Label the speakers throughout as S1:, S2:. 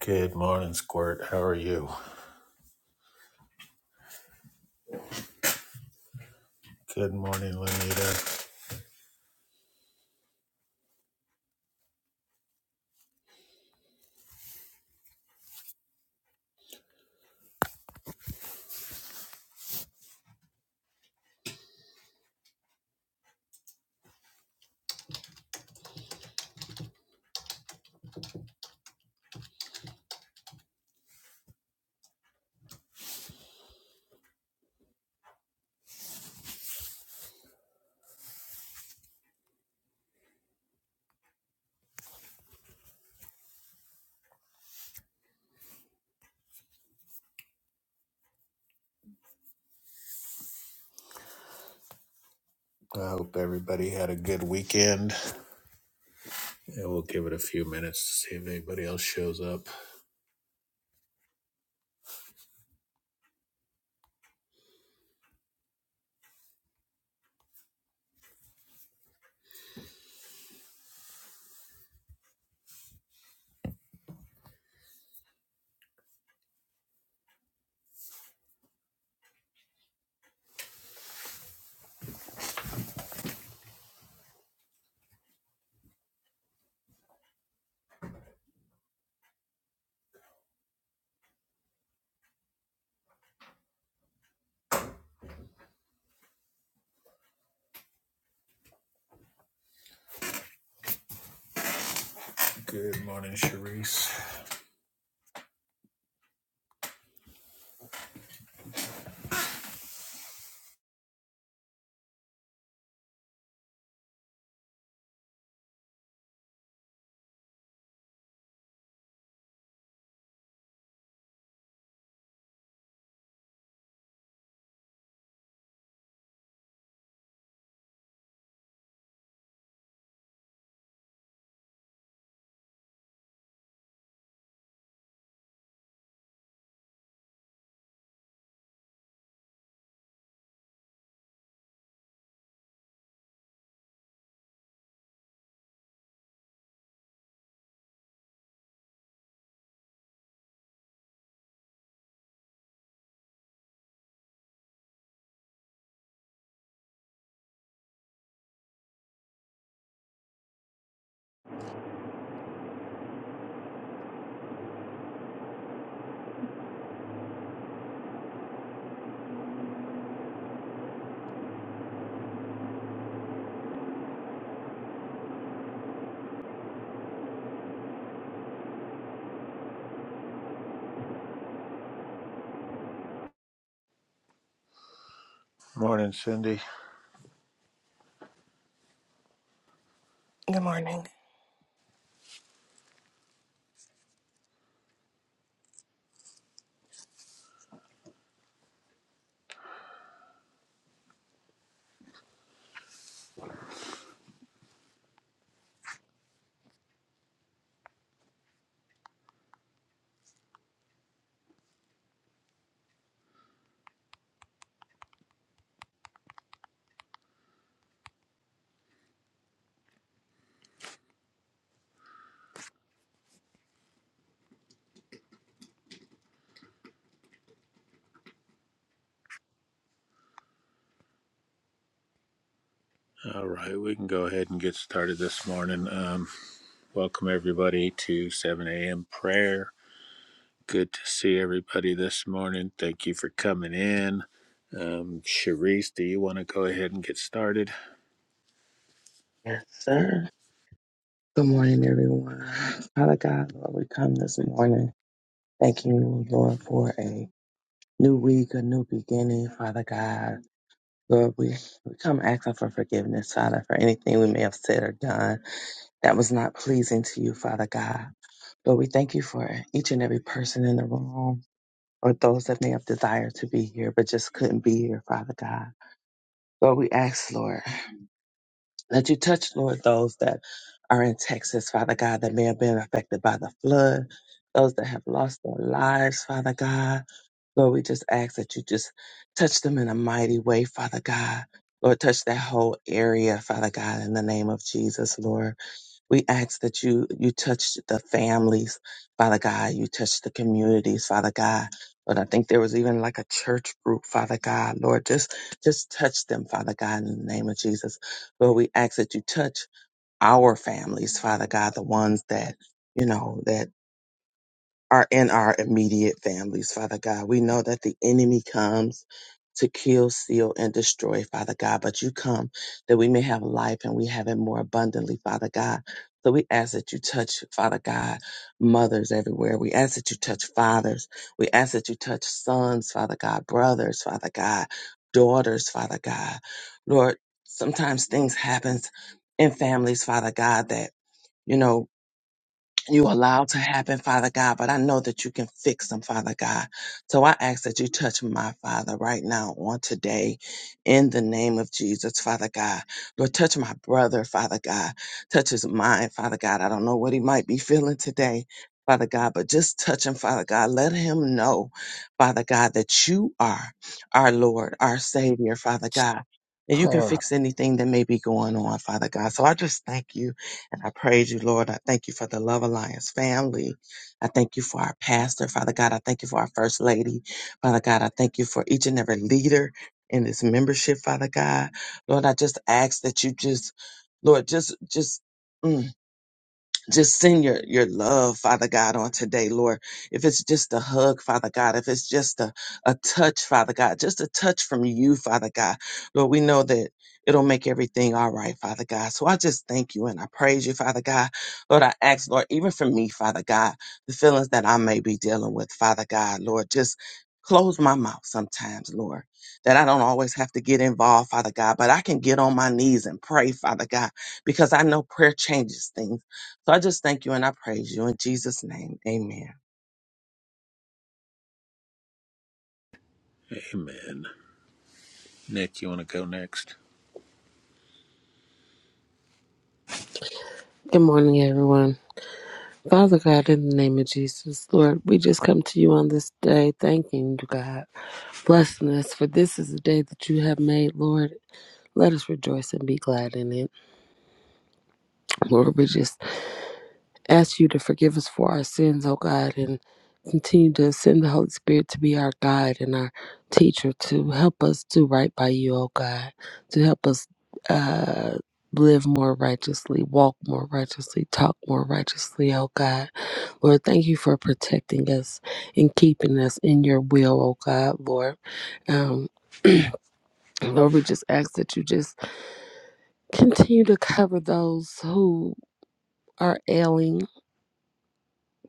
S1: Good morning, Squirt. How are you? Good morning, Lenita. I hope everybody had a good weekend. Yeah, we'll give it a few minutes to see if anybody else shows up. Good morning, Sharice. Morning, Cindy.
S2: Good morning.
S1: All right, we can go ahead and get started this morning. Um, welcome, everybody, to 7 a.m. prayer. Good to see everybody this morning. Thank you for coming in. Um, Sharice, do you want to go ahead and get started?
S3: Yes, sir. Good morning, everyone. Father God, Lord, we come this morning thanking you, Lord, for a new week, a new beginning, Father God. Lord, we, we come asking for forgiveness, Father, for anything we may have said or done that was not pleasing to you, Father God. Lord, we thank you for each and every person in the room or those that may have desired to be here but just couldn't be here, Father God. Lord, we ask, Lord. That you touch, Lord, those that are in Texas, Father God, that may have been affected by the flood, those that have lost their lives, Father God. Lord, we just ask that you just touch them in a mighty way, Father God. Lord, touch that whole area, Father God, in the name of Jesus, Lord. We ask that you you touch the families, Father God. You touch the communities, Father God. But I think there was even like a church group, Father God. Lord, just just touch them, Father God, in the name of Jesus. Lord, we ask that you touch our families, Father God, the ones that you know that are in our immediate families, Father God. We know that the enemy comes to kill, steal, and destroy, Father God, but you come that we may have life and we have it more abundantly, Father God. So we ask that you touch, Father God, mothers everywhere. We ask that you touch fathers. We ask that you touch sons, Father God, brothers, Father God, daughters, Father God. Lord, sometimes things happen in families, Father God, that, you know, you allow to happen, Father God, but I know that you can fix them, Father God. So I ask that you touch my Father right now on today in the name of Jesus, Father God. Lord, touch my brother, Father God. Touch his mind, Father God. I don't know what he might be feeling today. Father God, but just touch him, Father God. Let him know, Father God, that you are our Lord, our Savior, Father God. And you can
S1: Clara.
S3: fix anything that may be going on, Father God. So I just thank you and I praise you, Lord. I thank you for the Love Alliance family. I thank you for our pastor, Father God. I thank you for our first lady, Father God. I thank you for each and every leader in this membership, Father God. Lord, I just ask that you just, Lord, just, just. mm, just send your your love father god on today lord if it's just a hug father god if it's just a, a touch father god just a touch from you father god lord we know that it'll make everything all right father god so i just thank you and i praise you father god lord i ask lord even for me father god the feelings that i may be dealing with father god lord just close my mouth sometimes lord that I don't always have to get involved, Father God, but I can get on my knees and pray, Father God, because I know prayer changes things. So I just thank you and I praise you in Jesus' name. Amen.
S1: Amen. Nick, you want to go next?
S4: Good morning, everyone. Father God, in the name of Jesus, Lord, we just come to you on this day, thanking you, God, blessing us, for this is the day that you have made, Lord. Let us rejoice and be glad in it. Lord, we just ask you to forgive us for our sins, oh God, and continue to send the Holy Spirit to be our guide and our teacher to help us do right by you, oh God, to help us uh, live more righteously, walk more righteously, talk more righteously, oh God. Lord, thank you for protecting us and keeping us in your will, oh God, Lord. Um, Lord, we just ask that you just continue to cover those who are ailing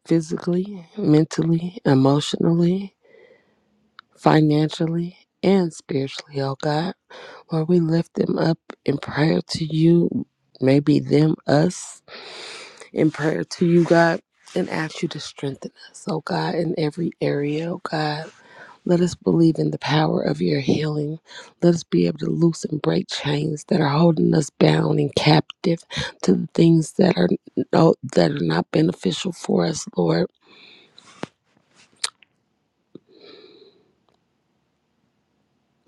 S4: physically, mentally, emotionally, financially, and spiritually, oh God. Lord, we lift them up in prayer to you, maybe them, us, in prayer to you, God, and ask you to strengthen us, oh God, in every area, oh God. Let us believe in the power of your healing. Let us be able to loosen, break chains that are holding us bound and captive to the things that are no, that are not beneficial for us, Lord.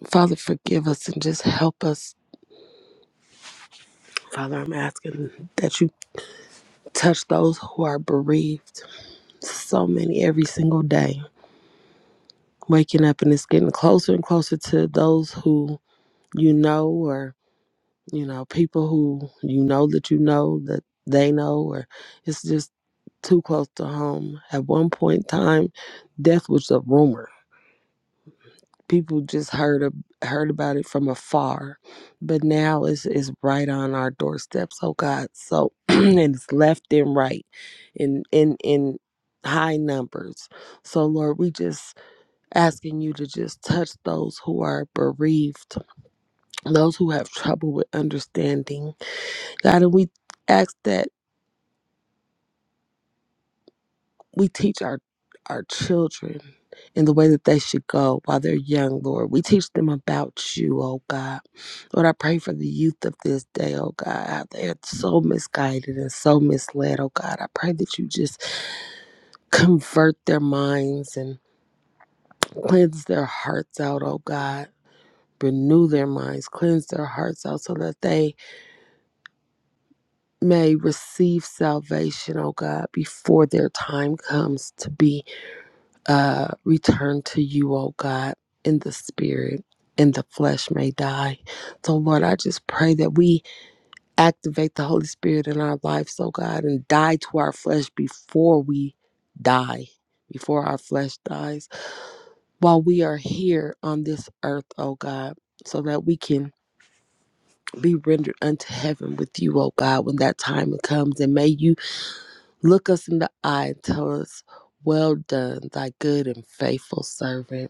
S4: Father, forgive us and just help us. Father, I'm asking that you touch those who are bereaved. So many every single day. Waking up and it's getting closer and closer to those who you know or you know people who you know that you know that they know or it's just too close to home. At one point in time, death was a rumor. People just heard of, heard about it from afar, but now it's it's right on our doorsteps. Oh God, so and it's left and right, in in in high numbers. So Lord, we just asking you to just touch those who are bereaved, those who have trouble with understanding. God, and we ask that we teach our our children in the way that they should go while they're young, Lord. We teach them about you, oh God. Lord, I pray for the youth of this day, oh God. How They are so misguided and so misled, oh God. I pray that you just convert their minds and cleanse their hearts out, oh God. Renew their minds, cleanse their hearts out so that they may receive salvation, oh God, before their time comes to be. uh, return to you, O God, in the spirit, and the flesh may die. So, Lord, I just pray that we activate the Holy Spirit in our lives, oh God, and die to our flesh before we die, before our flesh dies, while we are here on this earth, oh God, so that we can be rendered unto heaven with you, oh God, when that time comes. And may you look us in the eye and tell us, Well done, thy good and faithful servant.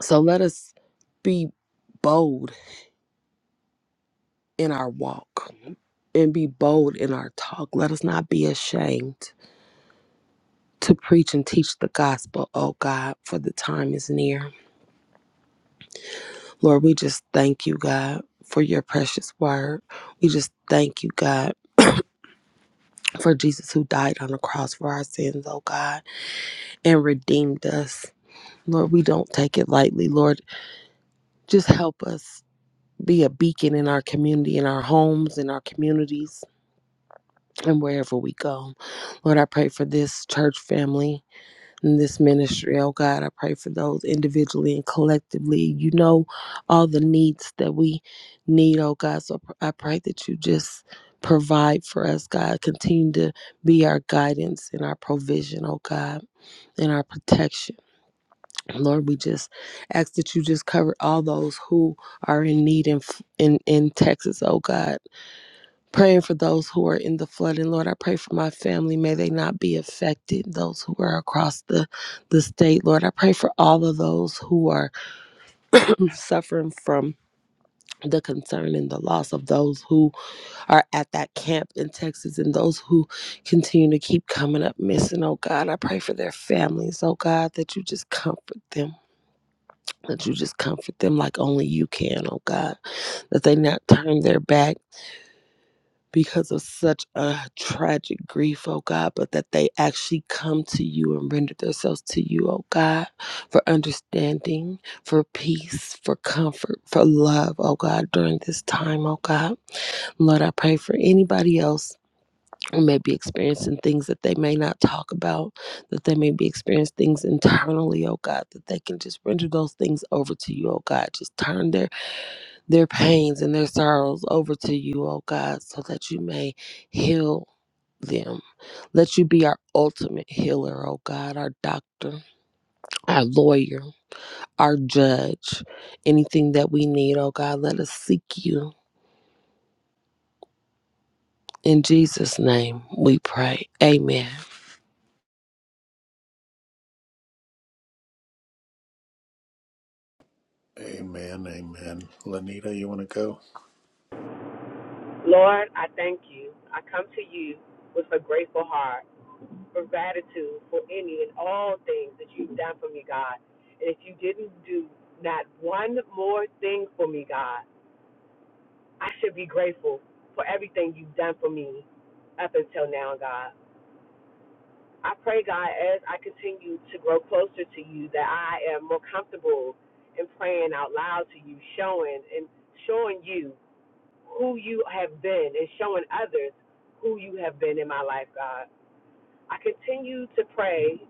S4: So let us be bold in our walk and be bold in our talk. Let us not be ashamed to preach and teach the gospel, oh God, for the time is near. Lord, we just thank you, God, for your precious word. We just thank you, God, for Jesus who died on the cross for our sins, oh God, and redeemed us. Lord, we don't take it lightly. Lord, just help us be a beacon in our community, in our homes, in our communities and wherever we go. Lord, I pray for this church family and this ministry. Oh God, I pray for those individually and collectively. You know all the needs that we need, oh God. So I pray that you just provide for us, God. Continue to be our guidance and our provision, oh God, and our protection. Lord, we just ask that you just cover all those who are in need in in, in Texas, oh God Praying for those who are in the flood. And Lord, I pray for my family. May they not be affected. Those who are across the, the state, Lord, I pray for all of those who are suffering from the concern and the loss of those who are at that camp in Texas and those who continue to keep coming up missing. Oh God, I pray for their families. Oh God, that you just comfort them. That you just comfort them like only you can, oh God. That they not turn their back because of such a tragic grief, oh God, but that they actually come to you and render themselves to you, oh God, for understanding, for peace, for comfort, for love, oh God, during this time, oh God. Lord, I pray for anybody else who may be experiencing things that they may not talk about, that they may be experiencing things internally, oh God, that they can just render those things over to you, oh God. Just turn their their pains and their sorrows over to you, oh God, so that you may heal them. Let you be our ultimate healer, oh God, our doctor, our lawyer, our judge. Anything that we need, oh God, let us seek you. In Jesus' name we pray. Amen.
S1: Amen, amen. Lanita, you want to go?
S5: Lord, I thank you. I come to you with a grateful heart for gratitude for any and all things that you've done for me, God. And if you didn't do not one more thing for me, God, I should be grateful for everything you've done for me up until now, God. I pray, God, as I continue to grow closer to you, that I am more comfortable in praying out loud to you, showing and showing you who you have been and showing others who you have been in my life, God. I continue to pray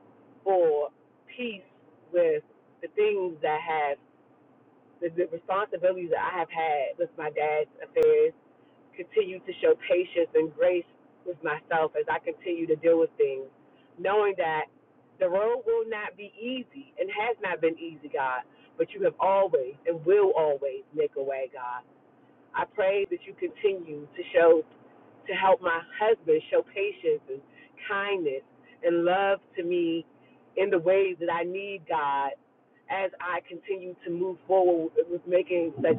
S5: for peace with the things that have, the, the responsibilities that I have had with my dad's affairs. Continue to show patience and grace with myself as I continue to deal with things, knowing that the road will not be easy and has not been easy, God, but you have always and will always make a way, God. I pray that you continue to show, to help my husband show patience and kindness and love to me in the ways that I need, God, as I continue to move forward with making such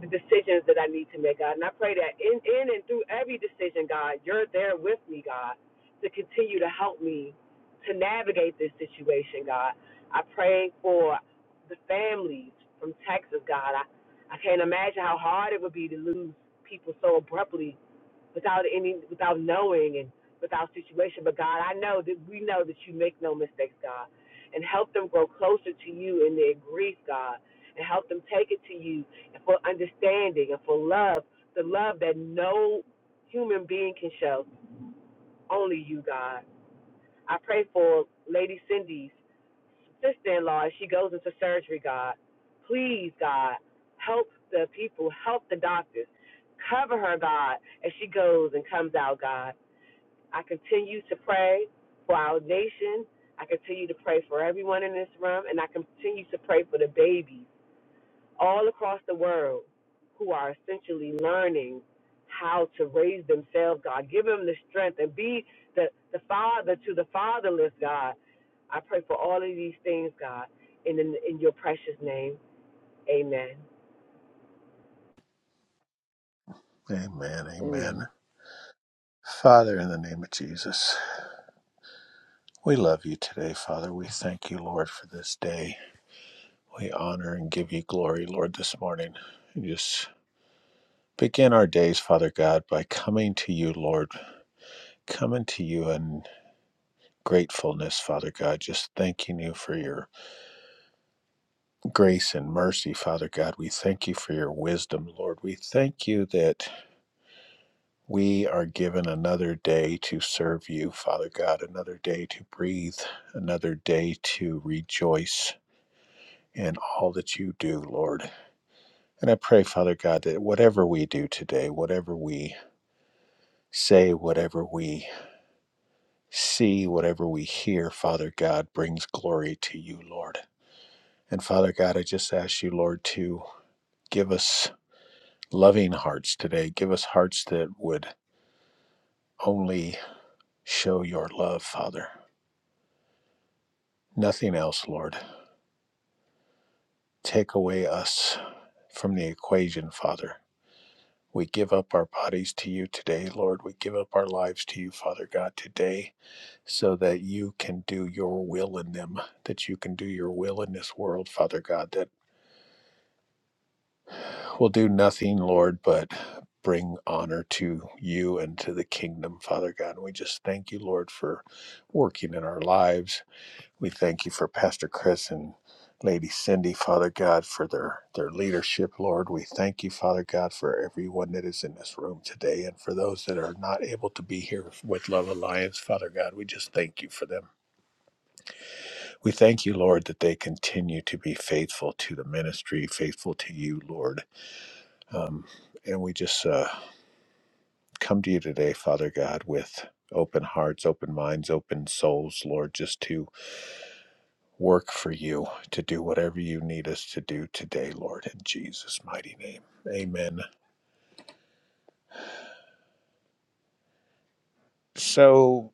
S5: the decisions that I need to make, God. And I pray that in, in and through every decision, God, you're there with me, God, to continue to help me to navigate this situation, God. I pray for the families from Texas, God. I, I can't imagine how hard it would be to lose people so abruptly without any without knowing and without situation. But God, I know that we know that you make no mistakes, God. And help them grow closer to you in their grief, God. And help them take it to you and for understanding and for love, the love that no human being can show. Only you, God. I pray for Lady Cindy's sister in law as she goes into surgery, God. Please, God, help the people, help the doctors. Cover her, God, as she goes and comes out, God I continue to pray for our nation. I continue to pray for everyone in this room, and I continue to pray for the babies all across the world who are essentially learning how to raise themselves. God, give them the strength and be the, the father to the fatherless, God. I pray for all of these things, God, and in, in your precious name, amen.
S1: Amen, amen.
S4: Amen.
S1: Father, in the name of Jesus, we love you today, Father. We thank you, Lord, for this day. We honor and give you glory, Lord, this morning. We just begin our days, Father God, by coming to you, Lord, coming to you in gratefulness, Father God, just thanking you for your grace and mercy, Father God. We thank you for your wisdom, Lord. We thank you that We are given another day to serve you, Father God, another day to breathe, another day to rejoice in all that you do, Lord. And I pray, Father God, that whatever we do today, whatever we say, whatever we see, whatever we hear, Father God, brings glory to you, Lord. And Father God, I just ask you, Lord, to give us loving hearts today. Give us hearts that would only show your love, Father. Nothing else, Lord. Take away us from the equation, Father. We give up our bodies to you today, Lord. We give up our lives to you, Father God, today, so that you can do your will in them, that you can do your will in this world, Father God, that will do nothing, Lord, but bring honor to you and to the kingdom, Father God. And we just thank you, Lord, for working in our lives We thank you for Pastor Chris and Lady Cindy, Father God, for their, their leadership, Lord. We thank you, Father God, for everyone that is in this room today and for those that are not able to be here with Love Alliance, Father God. We just thank you for them. We thank you, Lord, that they continue to be faithful to the ministry, faithful to you, Lord. Um, and we just uh, come to you today, Father God, with open hearts, open minds, open souls, Lord, just to work for you to do whatever you need us to do today, Lord, in Jesus' mighty name. Amen. So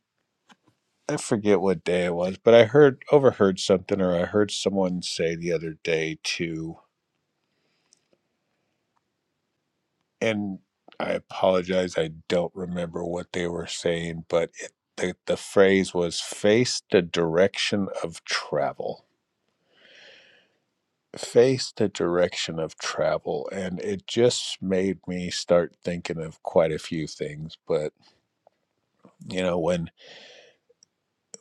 S1: I forget what day it was, but I heard overheard something or I heard someone say the other day too, and I apologize, I don't remember what they were saying, but it, the, the phrase was face the direction of travel. Face the direction of travel. And it just made me start thinking of quite a few things. But, you know, when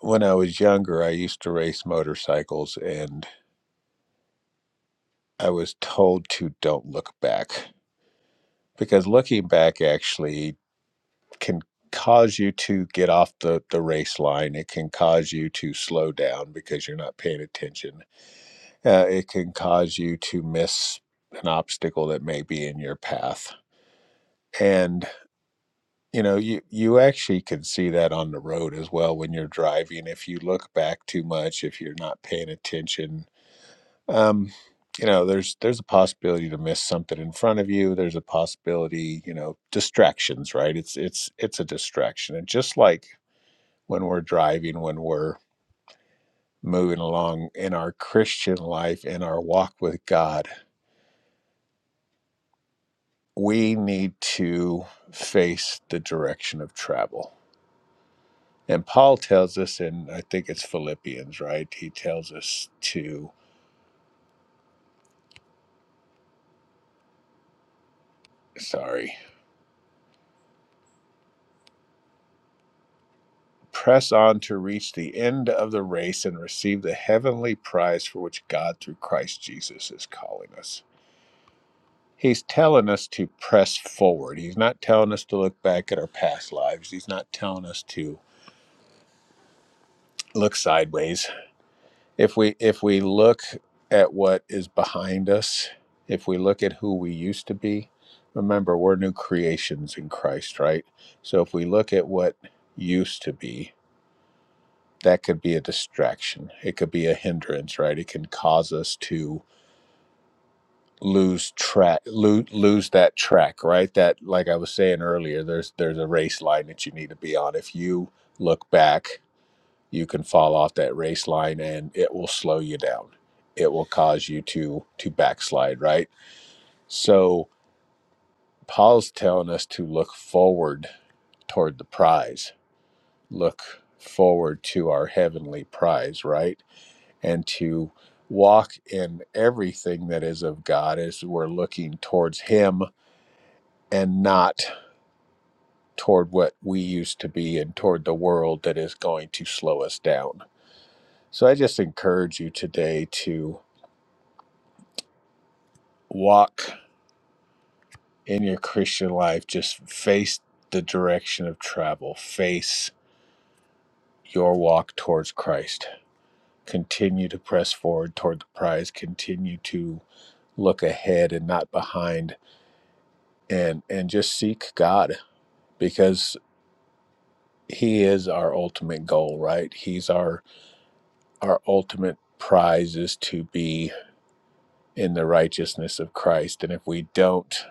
S1: When I was younger, I used to race motorcycles, and I was told to don't look back because looking back actually can cause you to get off the, the race line. It can cause you to slow down because you're not paying attention. Uh, it can cause you to miss an obstacle that may be in your path. And you know, you you actually can see that on the road as well when you're driving. If you look back too much, if you're not paying attention, um you know there's there's a possibility to miss something in front of you there's a possibility you know distractions right it's it's it's a distraction and just like when we're driving when we're moving along in our christian life in our walk with god we need to face the direction of travel and paul tells us and i think it's philippians right he tells us to sorry press on to reach the end of the race and receive the heavenly prize for which God through Christ Jesus is calling us. He's telling us to press forward. He's not telling us to look back at our past lives. He's not telling us to look sideways. If we if we look at what is behind us, if we look at who we used to be, remember we're new creations in Christ, right? So if we look at what used to be, that could be a distraction. It could be a hindrance, right? It can cause us to lose track, lose, lose that track, right? That, like I was saying earlier, there's there's a race line that you need to be on. If you look back, you can fall off that race line, and it will slow you down. It will cause you to to backslide, right? So Paul's telling us to look forward toward the prize. Look forward to our heavenly prize, right? and to walk in everything that is of God as we're looking towards Him and not toward what we used to be and toward the world that is going to slow us down. So I just encourage you today to walk in your Christian life, just face the direction of travel, face your walk towards Christ. Continue to press forward toward the prize, continue to look ahead and not behind and and just seek God because he is our ultimate goal right he's our our ultimate prize is to be in the righteousness of christ and if we don't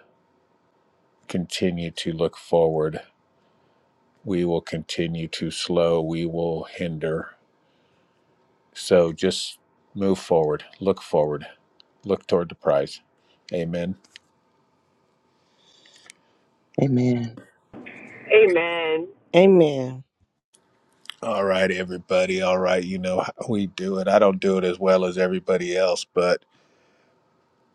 S1: continue to look forward we will continue to slow we will hinder so just move forward look forward look toward the prize amen
S3: Amen.
S5: Amen.
S4: Amen.
S1: all right everybody all right you know how we do it i don't do it as well as everybody else but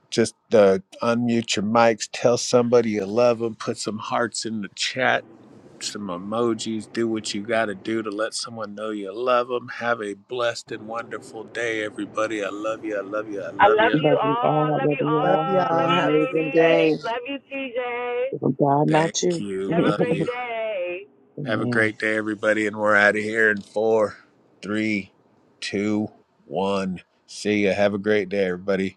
S1: Just uh, unmute your mics, tell somebody you love them, put some hearts in the chat, some emojis, do what you got to do to let someone know you love them. Have a blessed and wonderful day, everybody. I love you. I love you. I
S5: I
S1: love
S5: love
S1: you.
S5: you
S3: Love you
S5: all.
S3: all.
S5: Love
S3: Love
S5: you
S3: you all.
S5: all.
S3: Have
S4: Y'all
S5: Love
S3: an
S5: you,
S4: have a good
S3: amazing day.
S4: day.
S5: ladies. Love you, TJ.
S3: If I'm God,
S1: Thank
S3: not you.
S1: you.
S5: Have a
S1: Love
S5: great
S1: you.
S5: day.
S1: Have a
S3: Amen.
S1: great day, everybody. And we're out of here in four, three, two, one. See ya. Have a great day, everybody.